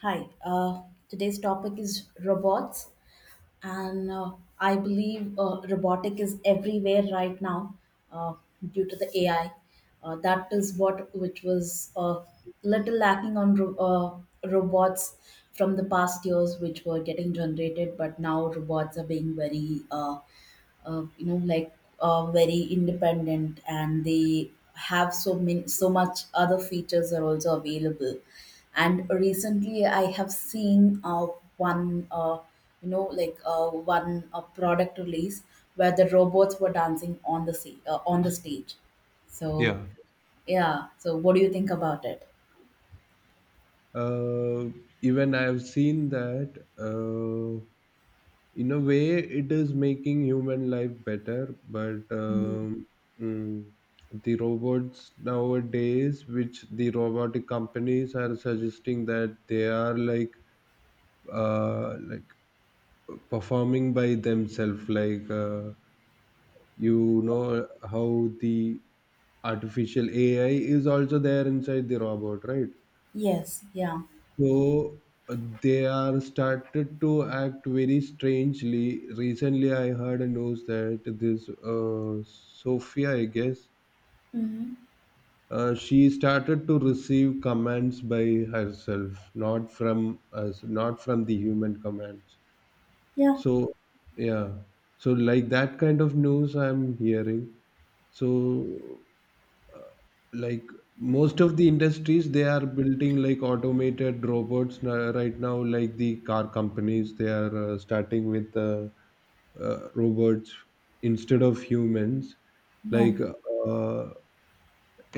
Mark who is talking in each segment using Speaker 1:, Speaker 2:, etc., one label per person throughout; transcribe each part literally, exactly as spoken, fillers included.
Speaker 1: Hi, uh, Today's topic is robots, and uh, I believe uh, robotic is everywhere right now uh, due to the A I. Uh, that is what which was uh, little lacking on ro- uh, robots from the past years, which were getting generated, but now robots are being very uh, uh, you know like uh, very independent, and they have so many so much other features are also available. And recently I have seen uh, one uh, you know like uh, one uh, product release where the robots were dancing on the sea, uh, on the stage so
Speaker 2: Yeah,
Speaker 1: yeah. So what do you think about it?
Speaker 2: uh, Even I have seen that uh, in a way it is making human life better, but um, mm, the robots nowadays, which the robotic companies are suggesting that they are like uh, like performing by themselves, like uh, you know how the artificial A I is also there inside the robot, right?
Speaker 1: Yes, yeah.
Speaker 2: So uh, they are started to act very strangely. Recently, I heard a news that this uh, Sophia, I guess,
Speaker 1: Hmm.
Speaker 2: uh, she started to receive commands by herself, not from us, not from the human commands.
Speaker 1: Yeah.
Speaker 2: So yeah, so like that kind of news I'm hearing. So like most of the industries they are building like automated robots na- right now like the car companies they are uh, starting with uh, uh, robots instead of humans
Speaker 1: Yeah.
Speaker 2: like uh,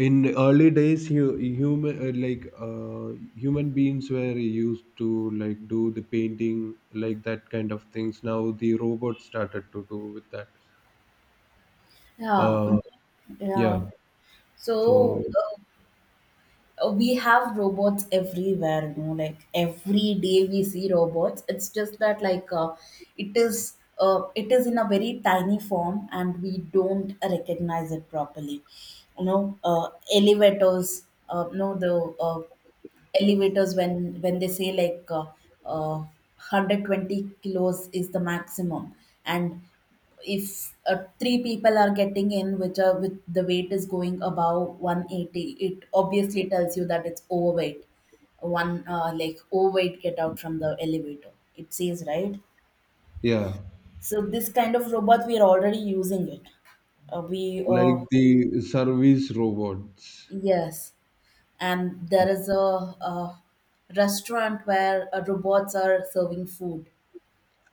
Speaker 2: in early days you human uh, like uh, human beings were used to like do the painting like that kind of things. Now the robots started to do with that.
Speaker 1: Yeah.
Speaker 2: uh, yeah
Speaker 1: Yeah.
Speaker 2: so
Speaker 1: So uh, uh, we have robots everywhere, you know, like every day we see robots. It's just that like uh, it is, uh, it is in a very tiny form, and we don't recognize it properly. You know, uh, elevators, uh, you know, the uh, elevators when when they say like uh, uh, one hundred twenty kilos is the maximum, and if uh, three people are getting in which are with the weight is going above one eighty, it obviously tells you that it's overweight. One uh, like overweight, get out from the elevator, it says, right?
Speaker 2: yeah,
Speaker 1: So this kind of robot we are already using it. Uh, we
Speaker 2: like
Speaker 1: uh,
Speaker 2: the service robots.
Speaker 1: Yes, and there is a, a restaurant where uh, robots are serving food.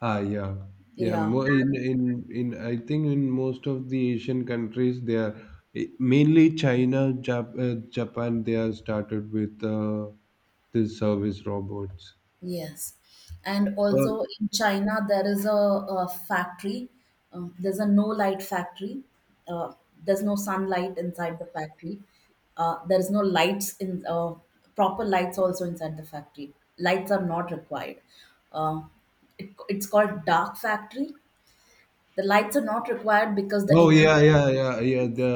Speaker 2: Ah, yeah, yeah.
Speaker 1: Yeah.
Speaker 2: Mo- In in in I think in most of the Asian countries, they are eh, mainly China, Jap- uh, Japan. They are started with uh, the service robots.
Speaker 1: Yes, and
Speaker 2: Uh,
Speaker 1: also in China there is a, a factory. Um, there's a no light factory. Uh, there's no sunlight inside the factory. Uh, there is no lights in uh, proper lights also inside the factory. Lights are not required. Uh, it, it's called dark factory. The lights are not required because the
Speaker 2: Oh
Speaker 1: employee.
Speaker 2: yeah, yeah, yeah, yeah. The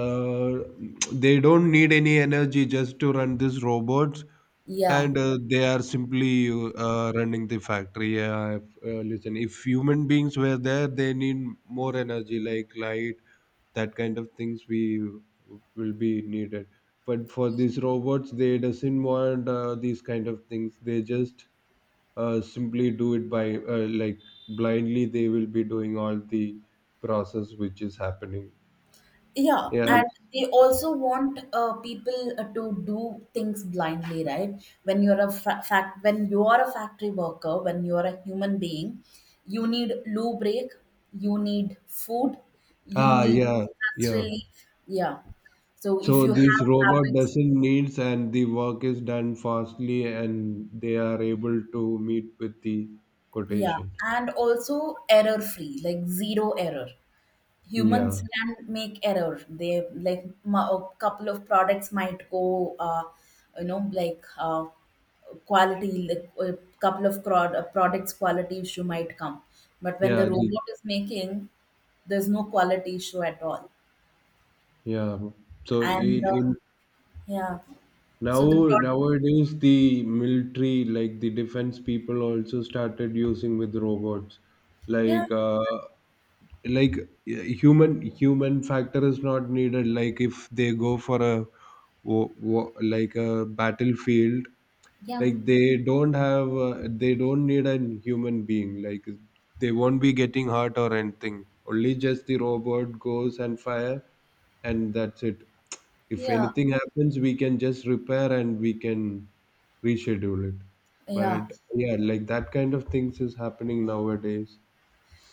Speaker 2: They don't need any energy just to run these robots,
Speaker 1: Yeah.
Speaker 2: and uh, they are simply uh, running the factory. Yeah, if, uh, listen, if human beings were there, they need more energy, like light, that kind of things we will be needed. But for these robots, they doesn't want uh, these kind of things. They just uh, simply do it by uh, like blindly. They will be doing all the process which is happening.
Speaker 1: Yeah,
Speaker 2: Yeah.
Speaker 1: and they also want uh, people uh, to do things blindly, right? When you're a fa- fact, when you are a factory worker, when you are a human being, you need loo break, you need food, you
Speaker 2: Ah,
Speaker 1: need
Speaker 2: yeah,
Speaker 1: stress
Speaker 2: yeah.
Speaker 1: relief. Yeah. So if
Speaker 2: So
Speaker 1: you
Speaker 2: this
Speaker 1: have
Speaker 2: robot
Speaker 1: habits,
Speaker 2: doesn't needs and the work is done fastly and they are able to meet with the
Speaker 1: yeah,
Speaker 2: quotation.
Speaker 1: and also error free, like zero error. Humans
Speaker 2: Yeah.
Speaker 1: can make error, they like m- a couple of products might go uh, you know like uh, quality, like a couple of prod, uh, products quality issue might come, but when the
Speaker 2: Yeah, the,
Speaker 1: robot is making, there's no quality issue at all.
Speaker 2: yeah. So
Speaker 1: And
Speaker 2: in,
Speaker 1: uh,
Speaker 2: in
Speaker 1: Yeah. So
Speaker 2: now
Speaker 1: the product.
Speaker 2: nowadays the military like the defense people also started using with robots.
Speaker 1: Yeah.
Speaker 2: Like uh, like uh, human human factor is not needed like if they go for a wo- wo- like a battlefield
Speaker 1: Yeah.
Speaker 2: like they don't have uh, they don't need a human being like they won't be getting hurt or anything, only just the robot goes and fire and that's it. If
Speaker 1: Yeah.
Speaker 2: anything happens we can just repair and we can reschedule it.
Speaker 1: Yeah.
Speaker 2: But yeah, like that kind of things is happening nowadays.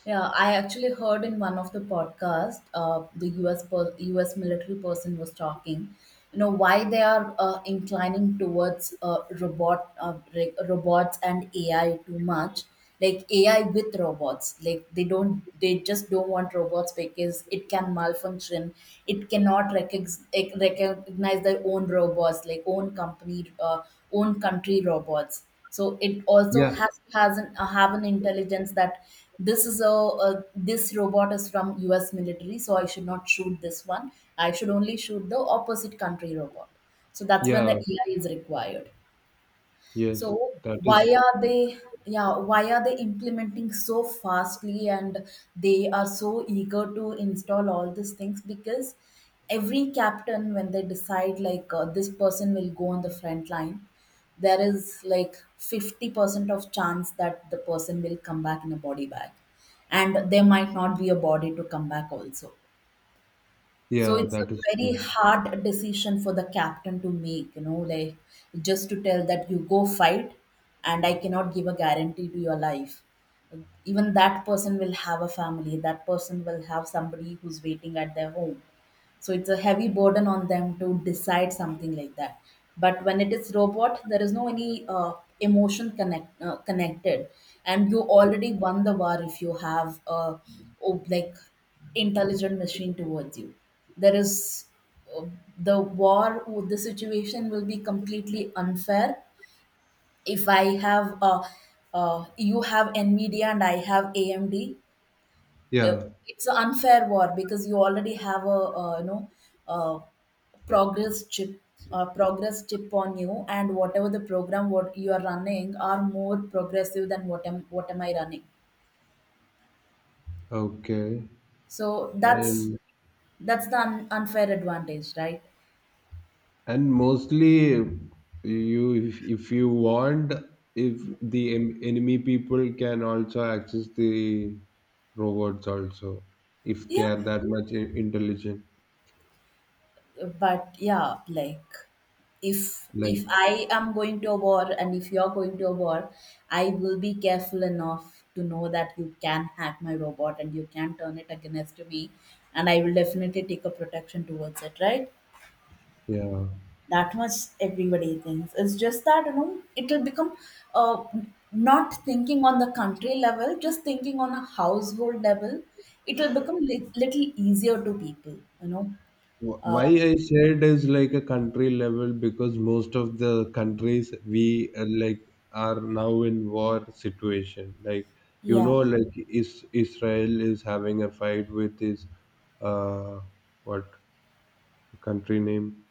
Speaker 1: Yeah, I actually heard in one of the podcast, uh, the U S per- U S military person was talking, you know, why they are uh, inclining towards uh, robot uh, re- robots and A I too much, like A I with robots. Like they don't, they just don't want robots because it can malfunction, it cannot recognize, like, recognize their own robots, like own company, uh, own country robots. So it also
Speaker 2: Yeah,
Speaker 1: has has an uh, have an intelligence that this is a, a this robot is from U S military, so I should not shoot this one. I should only shoot the opposite country robot. So that's when the
Speaker 2: yeah.
Speaker 1: A I is required.
Speaker 2: Yes,
Speaker 1: So
Speaker 2: that is,
Speaker 1: why are they, yeah, why are they implementing so fastly, and they are so eager to install all these things? Because every captain, when they decide like uh, this person will go on the front line, there is like fifty percent of chance that the person will come back in a body bag, and there might not be a body to come back also. So
Speaker 2: yeah,
Speaker 1: it's a
Speaker 2: that is
Speaker 1: very
Speaker 2: true.
Speaker 1: hard decision for the captain to make, you know, like just to tell that you go fight, and I cannot give a guarantee to your life. Even that person will have a family, that person will have somebody who's waiting at their home. So it's a heavy burden on them to decide something like that. But when it is robot, there is no any uh, emotion connect uh, connected, and you already won the war if you have a, oh, like intelligent machine towards you. There is uh, the war, the situation will be completely unfair. If i have uh, uh, you have nvidia and I have amd. uh,
Speaker 2: Yeah,
Speaker 1: it's an unfair war because you already have a uh, you know uh, progress chip, uh, progress chip on you, and whatever the program what you are running are more progressive than what am what am I running.
Speaker 2: okay.
Speaker 1: So that's
Speaker 2: And
Speaker 1: that's the un- unfair advantage, right?
Speaker 2: and mostly you, if, if you want, if the en- enemy people can also access the robots also if they
Speaker 1: Yeah,
Speaker 2: are that much i- intelligent
Speaker 1: but yeah, like if
Speaker 2: like
Speaker 1: if i am going to a war, and if you're going to a war, I will be careful enough to know that you can hack my robot and you can turn it against me, and I will definitely take a protection towards it, right?
Speaker 2: yeah.
Speaker 1: That much everybody thinks, it's just that, you know, it'll become uh, not thinking on the country level, just thinking on a household level, it will become li- little easier to people, you know.
Speaker 2: Wh- why
Speaker 1: uh,
Speaker 2: I said is like a country level because most of the countries we uh, like are now in war situation like you
Speaker 1: yeah.
Speaker 2: know like is, Israel is having a fight with his uh what country name,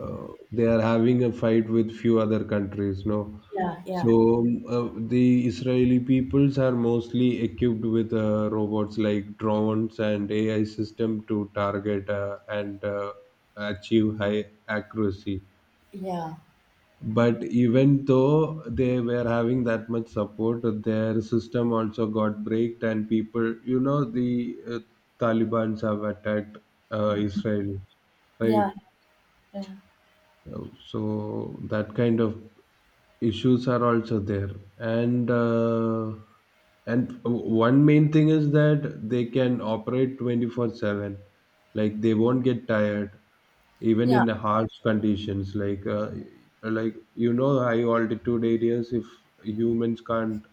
Speaker 2: uh, they are having a fight with few other countries no.
Speaker 1: Yeah. Yeah.
Speaker 2: So um, uh, the Israeli peoples are mostly equipped with uh, robots like drones and AI system to target uh, and uh, achieve high accuracy,
Speaker 1: Yeah.
Speaker 2: but even though they were having that much support their system also got breaked and people, you know the uh, Talibans have attacked uh,
Speaker 1: Mhm.
Speaker 2: Israel, right?
Speaker 1: Yeah, yeah,
Speaker 2: So that kind of issues are also there. And uh, and one main thing is that they can operate twenty four seven, like they won't get tired even
Speaker 1: yeah,
Speaker 2: in harsh conditions like uh, like you know high altitude areas if humans can't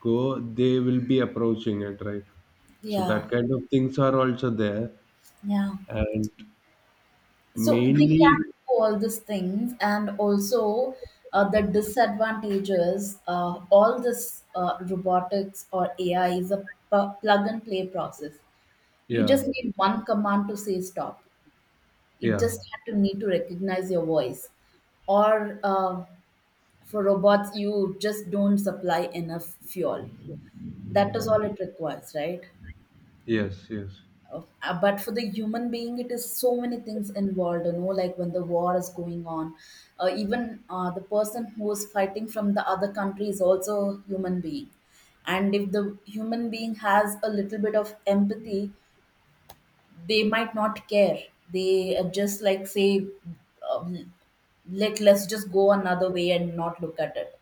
Speaker 2: go they will be approaching it, right? So
Speaker 1: yeah,
Speaker 2: that kind of things are also there.
Speaker 1: yeah.
Speaker 2: And
Speaker 1: So they can
Speaker 2: mainly
Speaker 1: do all these things, and also uh, the disadvantages. Uh, all this uh, robotics or A I is a pu- plug and play process. You
Speaker 2: yeah
Speaker 1: just need one command to say stop. It
Speaker 2: yeah.
Speaker 1: just had to need to recognize your voice. Or uh, for robots, you just don't supply enough fuel. That is all it requires, right?
Speaker 2: Yes, yes.
Speaker 1: uh, but for the human being, it is so many things involved, you know, like when the war is going on, uh, even uh, the person who is fighting from the other country is also a human being, and if the human being has a little bit of empathy, they might not care. They uh, just like say, um, let let's just go another way and not look at it,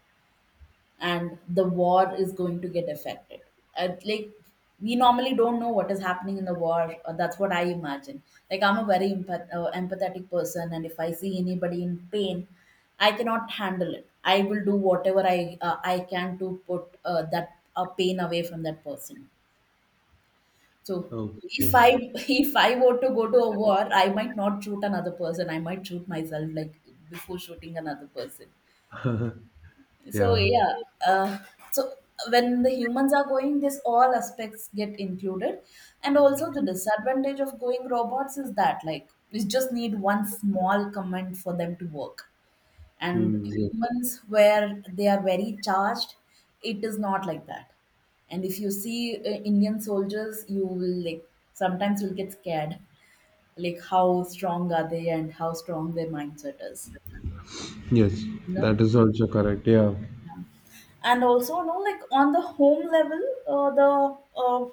Speaker 1: and the war is going to get affected. Uh, like we normally don't know what is happening in the war. Or that's what I imagine. Like I'm a very empath- uh, empathetic person, and if I see anybody in pain, I cannot handle it. I will do whatever I uh, I can to put uh, that uh, pain away from that person. So if
Speaker 2: Okay.
Speaker 1: I if I were to go to a war, I might not shoot another person. I might shoot myself like before shooting another person. So
Speaker 2: Yeah.
Speaker 1: yeah, uh, so when the humans are going, this all aspects get included, and also the disadvantage of going robots is that like you just need one small command for them to work, and
Speaker 2: Mm, yeah.
Speaker 1: humans where they are very charged, it is not like that. And if you see uh, Indian soldiers, you will like sometimes you'll get scared, like how strong are they and how strong their mindset is.
Speaker 2: Yes,
Speaker 1: No?
Speaker 2: that is also correct. Yeah.
Speaker 1: And also, you know, like on the home level, uh, the uh,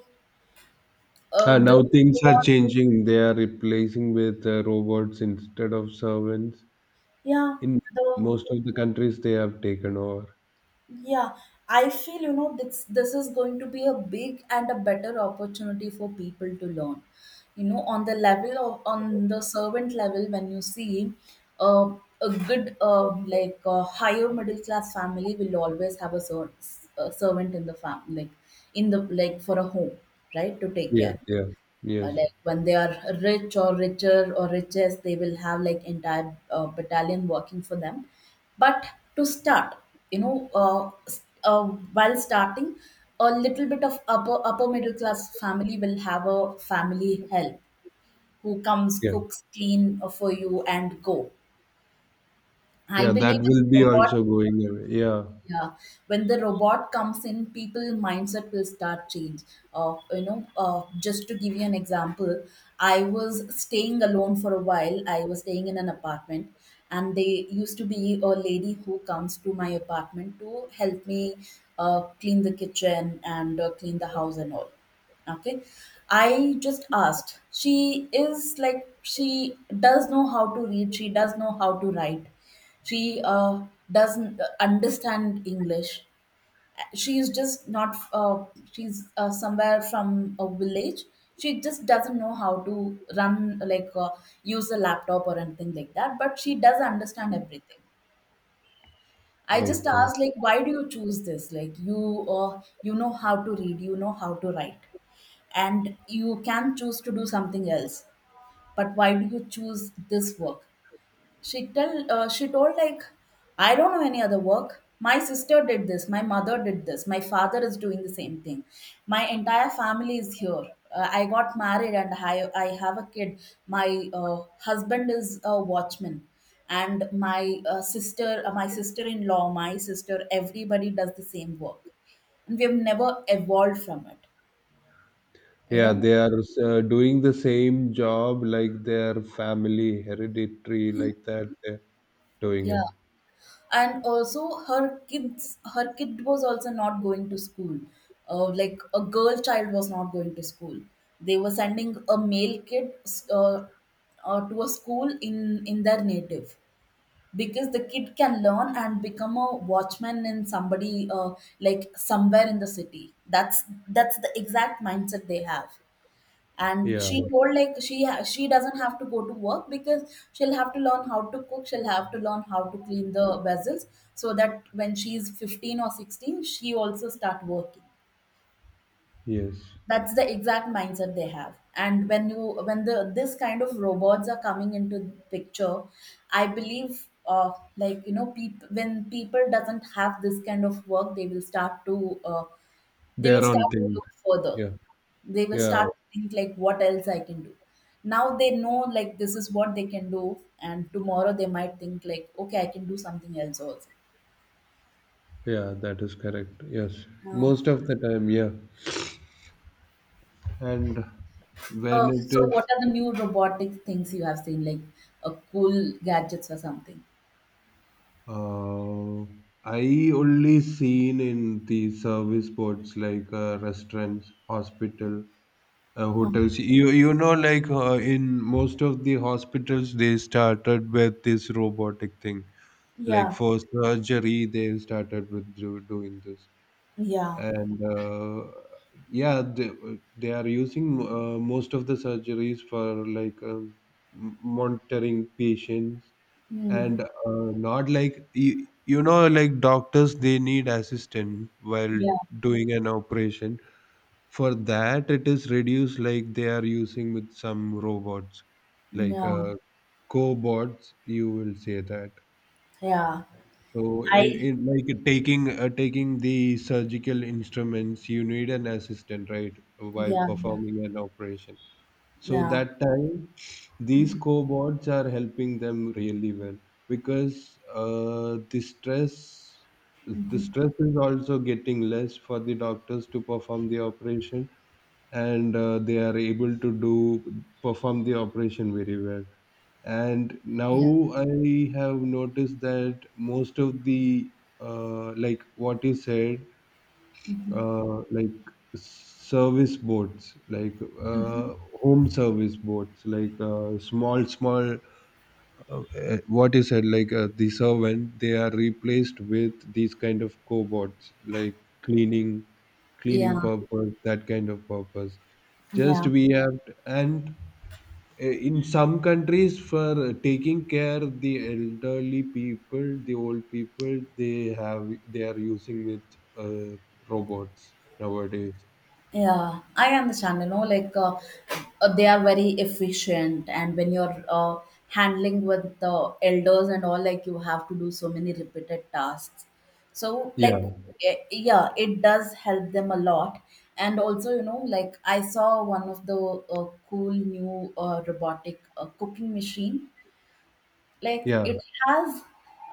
Speaker 1: uh,
Speaker 2: And now
Speaker 1: the
Speaker 2: things are changing. They are replacing with uh, robots instead of servants.
Speaker 1: yeah,
Speaker 2: In
Speaker 1: the
Speaker 2: most of the countries, they have taken over.
Speaker 1: yeah, I feel, you know, this this is going to be a big and a better opportunity for people to learn, you know, on the level of, on the servant level, when you see uh, a good uh, like uh, higher middle class family will always have a, ser- a servant in the fam like in the, like for a home, right, to take
Speaker 2: Yeah,
Speaker 1: care.
Speaker 2: yeah.
Speaker 1: Uh,
Speaker 2: Yes.
Speaker 1: like when they are rich or richer or richest, they will have like entire uh, battalion working for them. But to start, you know, uh, s- uh, while starting, a little bit of upper upper middle class family will have a family help, who comes,
Speaker 2: Yeah.
Speaker 1: cooks, clean uh, for you and go. I
Speaker 2: Yeah, that
Speaker 1: believe in
Speaker 2: will be
Speaker 1: robot,
Speaker 2: also going away. Yeah.
Speaker 1: yeah, when the robot comes in, people mindset will start change. Uh, you know, uh, just to give you an example, I was staying alone for a while. I was staying in an apartment, and they used to be a lady who comes to my apartment to help me uh, clean the kitchen and uh, clean the house and all. Okay, I just asked. She is like, she does know how to read, she does know how to write, she uh, doesn't uh, understand English. She is just not. Uh, she's uh, somewhere from a village. She just doesn't know how to run like uh, use a laptop or anything like that. But she does understand everything. I just
Speaker 2: Okay.
Speaker 1: asked like, why do you choose this? Like you, uh, you know how to read, you know how to write, and you can choose to do something else. But why do you choose this work? She tell uh, she told like, I don't know any other work. My sister did this. My mother did this. My father is doing the same thing. My entire family is here. Uh, I got married, and I I have a kid. My uh, husband is a watchman, and my uh, sister, uh, my sister in law, my sister, everybody does the same work, and we have never evolved from it. You
Speaker 2: Yeah,
Speaker 1: know?
Speaker 2: they are uh, doing the same job like their family hereditary, like that. They're doing
Speaker 1: Yeah.
Speaker 2: it.
Speaker 1: And also her kids her kid was also not going to school, uh, like a girl child was not going to school. They were sending a male kid uh, uh, to a school in in their native, because the kid can learn and become a watchman in somebody, uh, like somewhere in the city. That's that's the exact mindset they have. And
Speaker 2: Yeah.
Speaker 1: she told like she ha- she doesn't have to go to work because she'll have to learn how to cook, she'll have to learn how to clean the vessels, so that when she's fifteen or sixteen she also start working.
Speaker 2: Yes.
Speaker 1: That's the exact mindset they have. And when you when the this kind of robots are coming into picture, I believe, uh, like you know people, when people doesn't have this kind of work, they will start to uh, they will
Speaker 2: There
Speaker 1: start
Speaker 2: aren't
Speaker 1: to
Speaker 2: things.
Speaker 1: look further.
Speaker 2: Yeah,
Speaker 1: They will
Speaker 2: yeah,
Speaker 1: start to think like what else I can do. Now they know like this is what they can do, and tomorrow they might think like, okay, I can do something else also.
Speaker 2: yeah, that is correct. Yes,
Speaker 1: Now,
Speaker 2: most of the time, yeah. And
Speaker 1: uh,
Speaker 2: when it
Speaker 1: so what
Speaker 2: is,
Speaker 1: are the new robotic things you have seen, like uh, cool gadgets or something?
Speaker 2: uh, I only seen in the service boards like uh, restaurants, hospital, uh,
Speaker 1: Mm.
Speaker 2: hotels. You you know, like uh, in most of the hospitals, they started with this robotic thing. Like
Speaker 1: Yeah,
Speaker 2: for surgery, they started with do, doing this.
Speaker 1: yeah,
Speaker 2: And uh, Yeah they, they are using uh, most of the surgeries for like um, m- monitoring patients,
Speaker 1: mm.
Speaker 2: and uh, not like you, you know like doctors they need assistance while
Speaker 1: Yeah,
Speaker 2: doing an operation. For that it is reduced, like they are using with some robots, like
Speaker 1: yeah,
Speaker 2: uh, cobots you will say that.
Speaker 1: yeah.
Speaker 2: So in
Speaker 1: I
Speaker 2: in like taking uh, taking the surgical instruments, you need an assistant, right, while
Speaker 1: Yeah, yeah,
Speaker 2: performing an operation. So
Speaker 1: yeah.
Speaker 2: that time, these
Speaker 1: Mhm.
Speaker 2: cobots are helping them really well because uh, the stress the
Speaker 1: Mhm.
Speaker 2: stress is also getting less for the doctors to perform the operation, and uh, they are able to do perform the operation very well. And now
Speaker 1: Yeah,
Speaker 2: I have noticed that most of the uh, like what you said uh, like service boats like uh, home service boats like uh, small small uh, uh, what you said like uh, the servant they are replaced with these kind of cobots, like cleaning cleaning
Speaker 1: yeah,
Speaker 2: purpose, that kind of purpose. Just
Speaker 1: yeah.
Speaker 2: we have, and Eh, in some countries for taking care the elderly people, the old people they have, they are using with uh, robots nowadays.
Speaker 1: Yeah, I understand, you know, like uh, uh, they are very efficient, and when you're, uh, handling with the elders and all, like you have to do so many repeated tasks. So,
Speaker 2: Yeah
Speaker 1: like, eh, yeah, it does help them a lot. And also, you know, like I saw one of the uh, cool new uh, robotic uh, cooking machine. Like,
Speaker 2: yeah.
Speaker 1: it has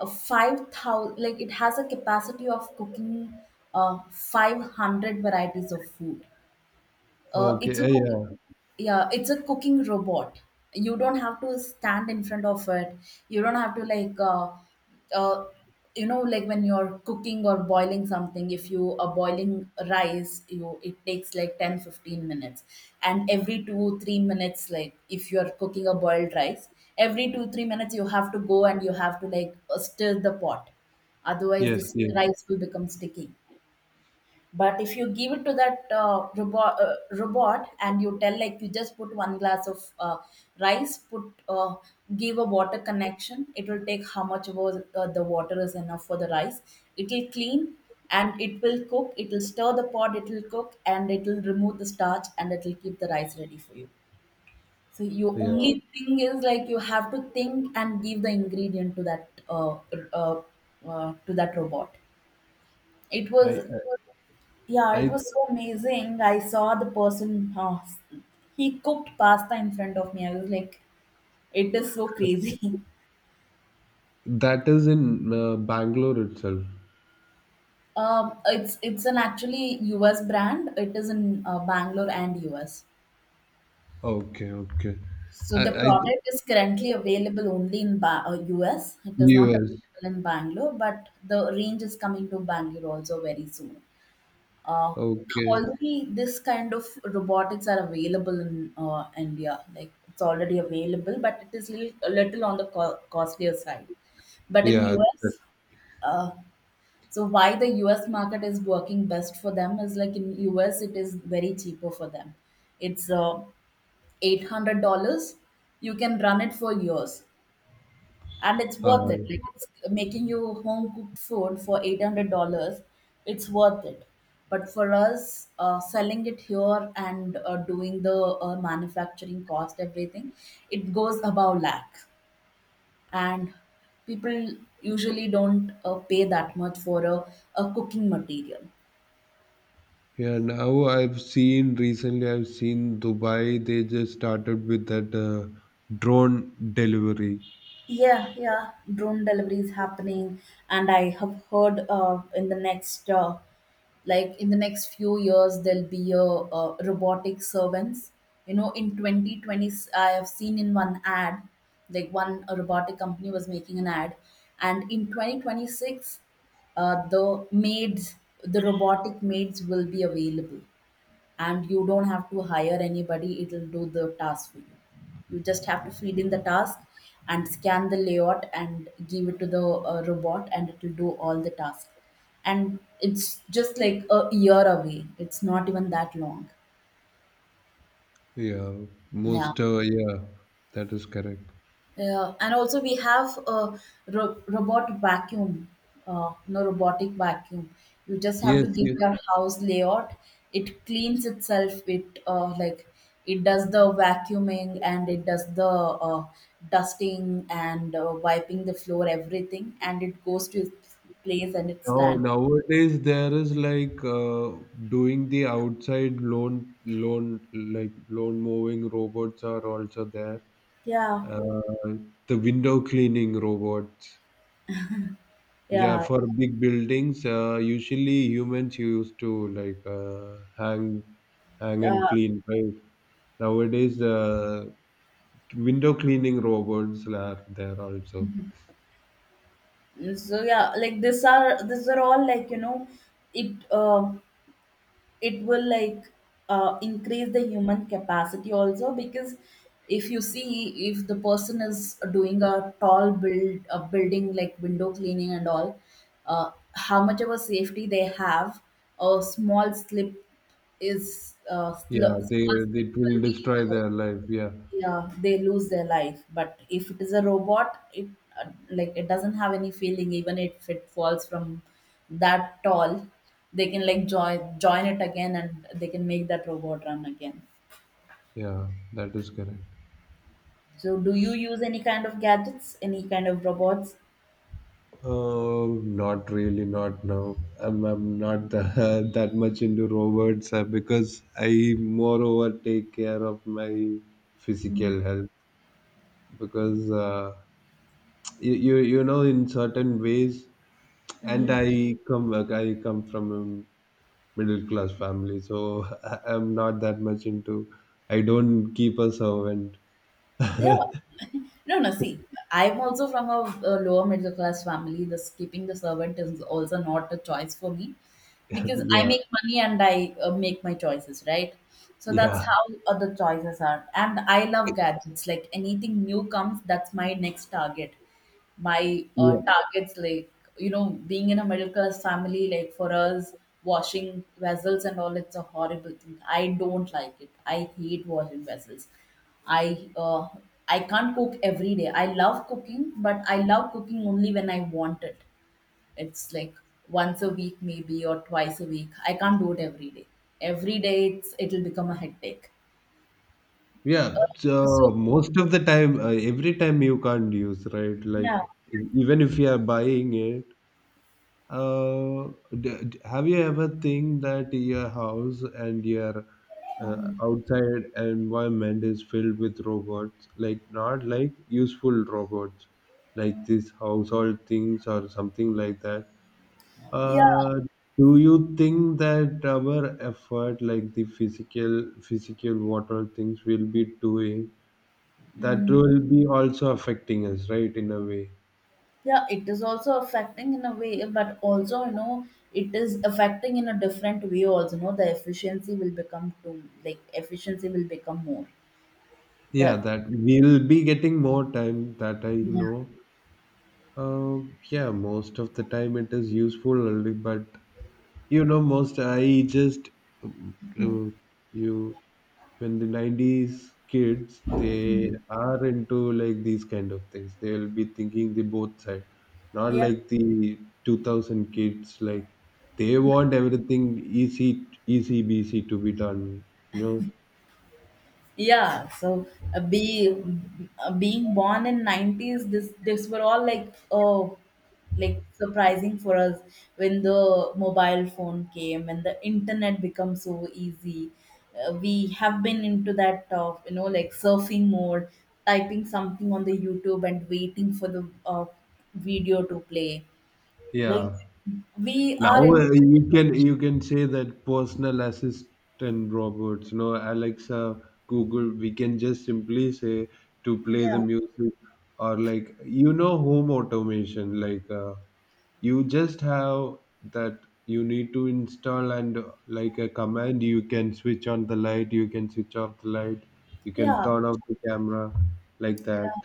Speaker 1: a five thousand, like, it has a capacity of cooking uh, five hundred varieties of food. uh, it's
Speaker 2: Okay, uh,
Speaker 1: a cooking,
Speaker 2: yeah.
Speaker 1: yeah, it's a cooking robot. You don't have to stand in front of it. You don't have to like, uh, uh, you know, like when you're cooking or boiling something. If you are boiling rice, you it takes like ten fifteen minutes, and every two, three minutes, like if you're cooking a boiled rice, every two, three minutes you have to go and you have to like uh, stir the pot. Otherwise,
Speaker 2: Yes.
Speaker 1: this
Speaker 2: Yeah.
Speaker 1: rice will become sticky. But if you give it to that uh, robot, uh, robot and you tell like you just put one glass of uh, rice, put uh, give a water connection, it will take how much was uh, the water is enough for the rice. It will clean and it will cook. It will stir the pot. It will cook and it will remove the starch and it will keep the rice ready for you. So your
Speaker 2: yeah
Speaker 1: only thing is like you have to think and give the ingredient to that uh, r- uh, uh, to that robot. It
Speaker 2: i
Speaker 1: was Yeah, it
Speaker 2: i, I,
Speaker 1: was so amazing. I saw the person, uh, he cooked pasta in front of me. I was like, it is so crazy.
Speaker 2: that is in uh, Bangalore itself.
Speaker 1: Um, it's it's an actually U S brand. It is in uh, Bangalore and U S.
Speaker 2: Okay, okay.
Speaker 1: So
Speaker 2: I
Speaker 1: the
Speaker 2: I
Speaker 1: product is currently available only in ba- uh, U S. It is not
Speaker 2: US.
Speaker 1: available in Bangalore, but the range is coming to Bangalore also very soon. Uh,
Speaker 2: Okay.
Speaker 1: already this kind of robotics are available in uh, India. Like it's already available, but it is little, a little on the co- costlier side. But in
Speaker 2: yeah that-
Speaker 1: U S, uh, so why the U S market is working best for them is like in U S it is very cheaper for them. It's uh, eight hundred dollars. You can run it for years and it's
Speaker 2: uh,
Speaker 1: worth it. Like it's making you home cooked food for eight hundred dollars. It's worth it. But for us, uh, selling it here and uh, doing the uh, manufacturing cost, everything, it goes above lakh, and people usually don't uh, pay that much for a, a cooking material.
Speaker 2: Yeah, now I've seen recently, I've seen Dubai, they just started with that uh, drone delivery.
Speaker 1: Yeah, yeah, drone delivery is happening, and I have heard, uh, in the next, uh, like in the next few years, there'll be a, uh robotic servants. You know, in twenty twenty, I have seen in one ad, like one a robotic company was making an ad, and in twenty twenty six, uh, the maids, the robotic maids will be available, and you don't have to hire anybody. It'll do the task for you. You just have to feed in the task and scan the layout and give it to the uh, robot, and it will do all the tasks. And it's just like a year away, it's not even that long.
Speaker 2: Yeah,
Speaker 1: Yeah.
Speaker 2: most, uh, yeah, that is correct.
Speaker 1: Yeah, and also we have a ro- robot vacuum, uh, no robotic vacuum. You just have
Speaker 2: Yes,
Speaker 1: to give
Speaker 2: yes.
Speaker 1: your house layout. It cleans itself. It uh, like it does the vacuuming and it does the uh, dusting and uh, wiping the floor, everything, and it goes to its place and its
Speaker 2: Now,
Speaker 1: stand.
Speaker 2: nowadays there is like uh, doing the outside lawn, lawn, like lawn mowing robots are also there.
Speaker 1: Yeah,
Speaker 2: Uh, the window cleaning robots. Yeah,
Speaker 1: yeah,
Speaker 2: for big buildings, uh, usually humans used to like uh, hang, hang
Speaker 1: yeah.
Speaker 2: and clean, right? Nowadays, uh, window cleaning robots are there also.
Speaker 1: So yeah, like these are these are all like, you know, it uh, it will like uh, increase the human capacity also, because if you see if the person is doing a tall build a building like window cleaning and all, uh, how much of a safety they have? A small slip is, uh, sl-
Speaker 2: Yeah, they,
Speaker 1: small slip
Speaker 2: it
Speaker 1: will
Speaker 2: will
Speaker 1: be,
Speaker 2: destroy
Speaker 1: uh,
Speaker 2: their life. Yeah,
Speaker 1: yeah, they lose their life. But if it is a robot, it, uh, like it doesn't have any feeling. Even if it falls from that tall, they can like join join it again, and they can make that robot run again.
Speaker 2: yeah, that is correct.
Speaker 1: So, do you use any kind of gadgets, any kind of robots?
Speaker 2: Oh, not really, not now. I'm, I'm not that, that much into robots uh, because I moreover take care of my physical health because uh, you you, you know in certain ways. And
Speaker 1: Mm.
Speaker 2: i come like, I come from a middle class family, so I, I'm not that much into, I don't keep a servant.
Speaker 1: Yeah. No, no, see, I'm also from a, a lower middle class family. The Keeping the servant is also not a choice for me, because I
Speaker 2: yeah
Speaker 1: make money and I uh, make my choices, right? So that's
Speaker 2: yeah
Speaker 1: how other choices are. And I love gadgets. Like anything new comes, that's my next target, my uh,
Speaker 2: yeah
Speaker 1: targets like, you know, being in a middle class family, like for us, washing vessels and all, it's a horrible thing. I don't like it, I hate washing vessels. i uh, I can't cook every day. I love cooking, but I love cooking only when I want it. It's like once a week maybe, or twice a week. I can't do it every day. Every day it's it'll become a headache.
Speaker 2: Yeah,
Speaker 1: So
Speaker 2: so most of the time uh, every time you can't use, right? Like
Speaker 1: yeah,
Speaker 2: e- even if you are buying it. Uh, d- d- have you ever think that your house and your uh, outside environment is filled with robots? Like not like useful robots, like these household things or something like that.
Speaker 1: yeah.
Speaker 2: Uh, do you think that our effort, like the physical, physical, what all things will be doing, that
Speaker 1: Mm.
Speaker 2: will be also affecting us, right, in a way?
Speaker 1: Yeah, it is also affecting in a way, but also, you know, it is affecting in a different way also, you know, the efficiency will become too, like efficiency will become more.
Speaker 2: Yeah,
Speaker 1: The
Speaker 2: that we'll be getting more time that I
Speaker 1: Yeah.
Speaker 2: know. Uh, yeah, most of the time it is useful only, but you know, most I just um, uh, you when the nineties kids they are into like these kind of things, they'll be thinking the both side, not
Speaker 1: Yeah.
Speaker 2: like the two thousand kids, like they want everything easy, easy, busy to be done, you know,
Speaker 1: Yeah, so uh, be uh, being born in nineties, this this were all like, oh, like surprising for us when the mobile phone came and the internet become so easy. Uh, we have been into that uh, you know, like surfing mode, typing something on the YouTube and waiting for the uh, video to play. Like
Speaker 2: yeah.
Speaker 1: we
Speaker 2: Now
Speaker 1: are in
Speaker 2: uh, you can you can say that personal assistant robots, you know, Alexa, Google. We can just simply say to play the
Speaker 1: Yeah,
Speaker 2: music or like you know home automation. Like uh, you just have that, you need to install and uh, like a command. You can switch on the light. You can switch off the light. You can
Speaker 1: yeah.
Speaker 2: turn off the camera, like that.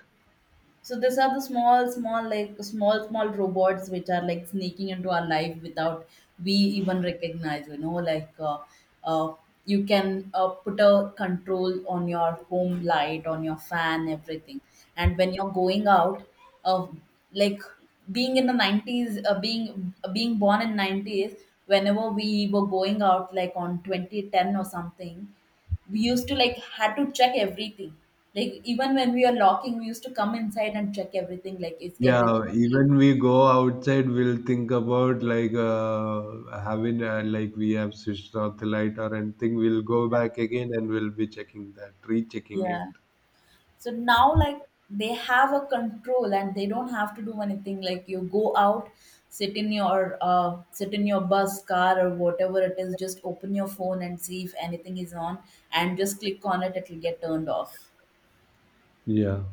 Speaker 1: So these are the small, small, like small, small robots which are like sneaking into our life without we even recognize. You know, like uh, uh, you can uh, put a control on your home light, on your fan, everything. And when you're going out, uh, like being in the nineties, uh, being being born in nineties, whenever we were going out, like on twenty ten or something, we used to like had to check everything. Like even when we were locking, we used to come inside and check everything like, is everything,
Speaker 2: Yeah, even we go outside, we'll think about like uh, having uh, like we have switched off the light or anything. We'll go back again and we'll be checking that, rechecking
Speaker 1: yeah?
Speaker 2: it.
Speaker 1: So now like they have a control and they don't have to do anything. Like you go out, sit in your, uh, sit in your bus, car, or whatever it is, just open your phone and see if anything is on, and just click on it, it will get turned off.
Speaker 2: Yeah.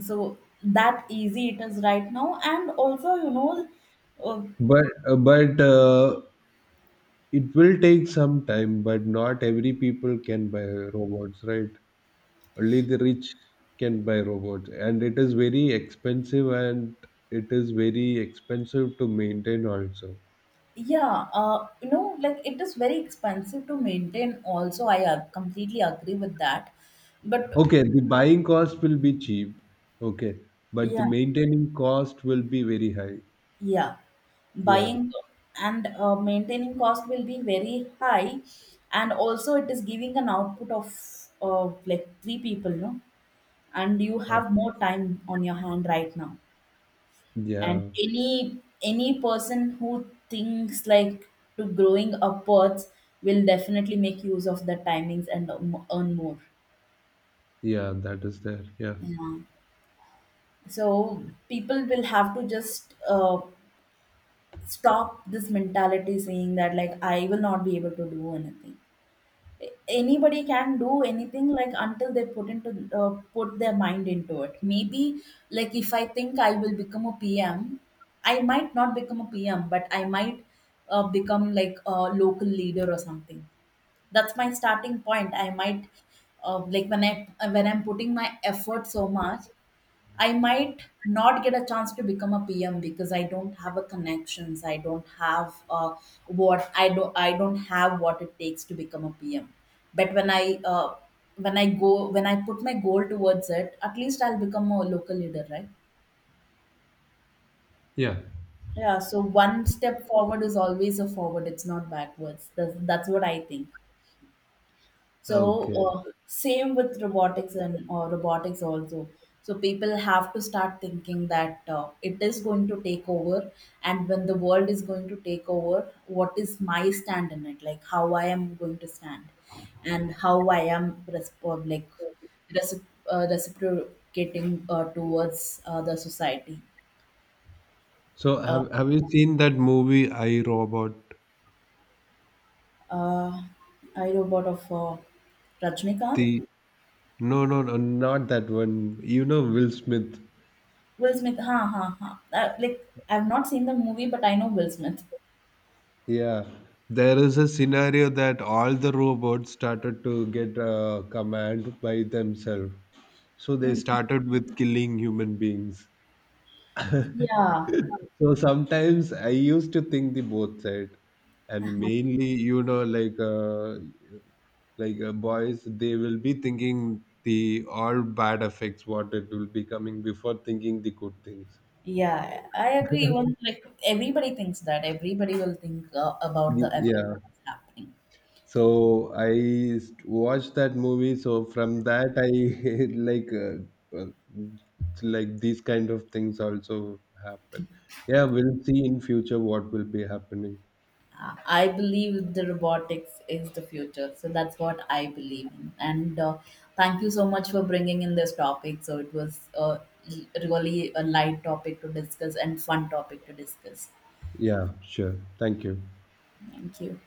Speaker 1: So that easy it is right now. And also, you know, uh,
Speaker 2: But uh, but uh, it will take some time. But not every people can buy robots, right? Only the rich can buy robots, and it is very expensive, and it is very expensive to maintain also.
Speaker 1: yeah, uh, you know, like it is very expensive to maintain also. I uh, completely agree with that. But
Speaker 2: Okay, the buying cost will be cheap. Okay, but the
Speaker 1: yeah,
Speaker 2: maintaining cost will be very high.
Speaker 1: yeah,
Speaker 2: Yeah.
Speaker 1: buying and uh, maintaining cost will be very high. And also, it is giving an output of uh, like three people, no? And you
Speaker 2: Uh,
Speaker 1: have more time on your hand right now. And
Speaker 2: yeah.
Speaker 1: any any person who thinks like to growing upwards will definitely make use of the timings and earn mo- earn more.
Speaker 2: Yeah, that is there. Yeah.
Speaker 1: Yeah. So people will have to just uh, stop this mentality saying that like I will not be able to do anything. A- Anybody can do anything, like, until they put into uh, put their mind into it. Maybe like if I think I will become a P M, I might not become a P M, but I might uh, become like a local leader or something. That's my starting point. I might, uh, like when I when I'm putting my effort so much, I might not get a chance to become a P M because I don't have a connections. I don't have uh, what I don't I don't have what it takes to become a P M. But when I, uh, when I go when I put my goal towards it, at least I'll become a local leader, right?
Speaker 2: Yeah.
Speaker 1: Yeah. So one step forward is always a forward. It's not backwards. That's, that's what I think. So
Speaker 2: Okay.
Speaker 1: uh, same with robotics and uh, robotics also. So people have to start thinking that uh, it is going to take over, and when the world is going to take over, what is my stand in it? Like how I am going to stand, and how I am resp- like recip- uh, reciprocating uh, towards uh, the society.
Speaker 2: So
Speaker 1: Uh,
Speaker 2: have have you seen that movie I Robot?
Speaker 1: uh, I robot of uh, Rajnikant.
Speaker 2: The no, no, no, not that one. You know Will Smith.
Speaker 1: Will Smith, huh, huh, huh. Uh, like I've not seen the movie, but I know Will Smith.
Speaker 2: Yeah. There is a scenario that all the robots started to get a command by themselves. So they
Speaker 1: Mm.
Speaker 2: started with killing human beings.
Speaker 1: Yeah,
Speaker 2: So sometimes I used to think the both side. And mainly you know like uh, like uh, boys they will be thinking the all bad effects what it will be coming before thinking the good things.
Speaker 1: yeah, I agree. Even like everybody thinks that everybody will think uh, about the
Speaker 2: Y-
Speaker 1: effect
Speaker 2: yeah,
Speaker 1: that's happening.
Speaker 2: so I st- watched that movie, so from that I like uh, uh, like these kind of things also happen. Yeah, we'll see in future what will be happening.
Speaker 1: Uh, I believe the robotics is the future, so that's what I believe in. And uh, thank you so much for bringing in this topic. So it was uh, really a light topic to discuss and fun topic to discuss.
Speaker 2: Yeah, sure, thank you.
Speaker 1: Thank you.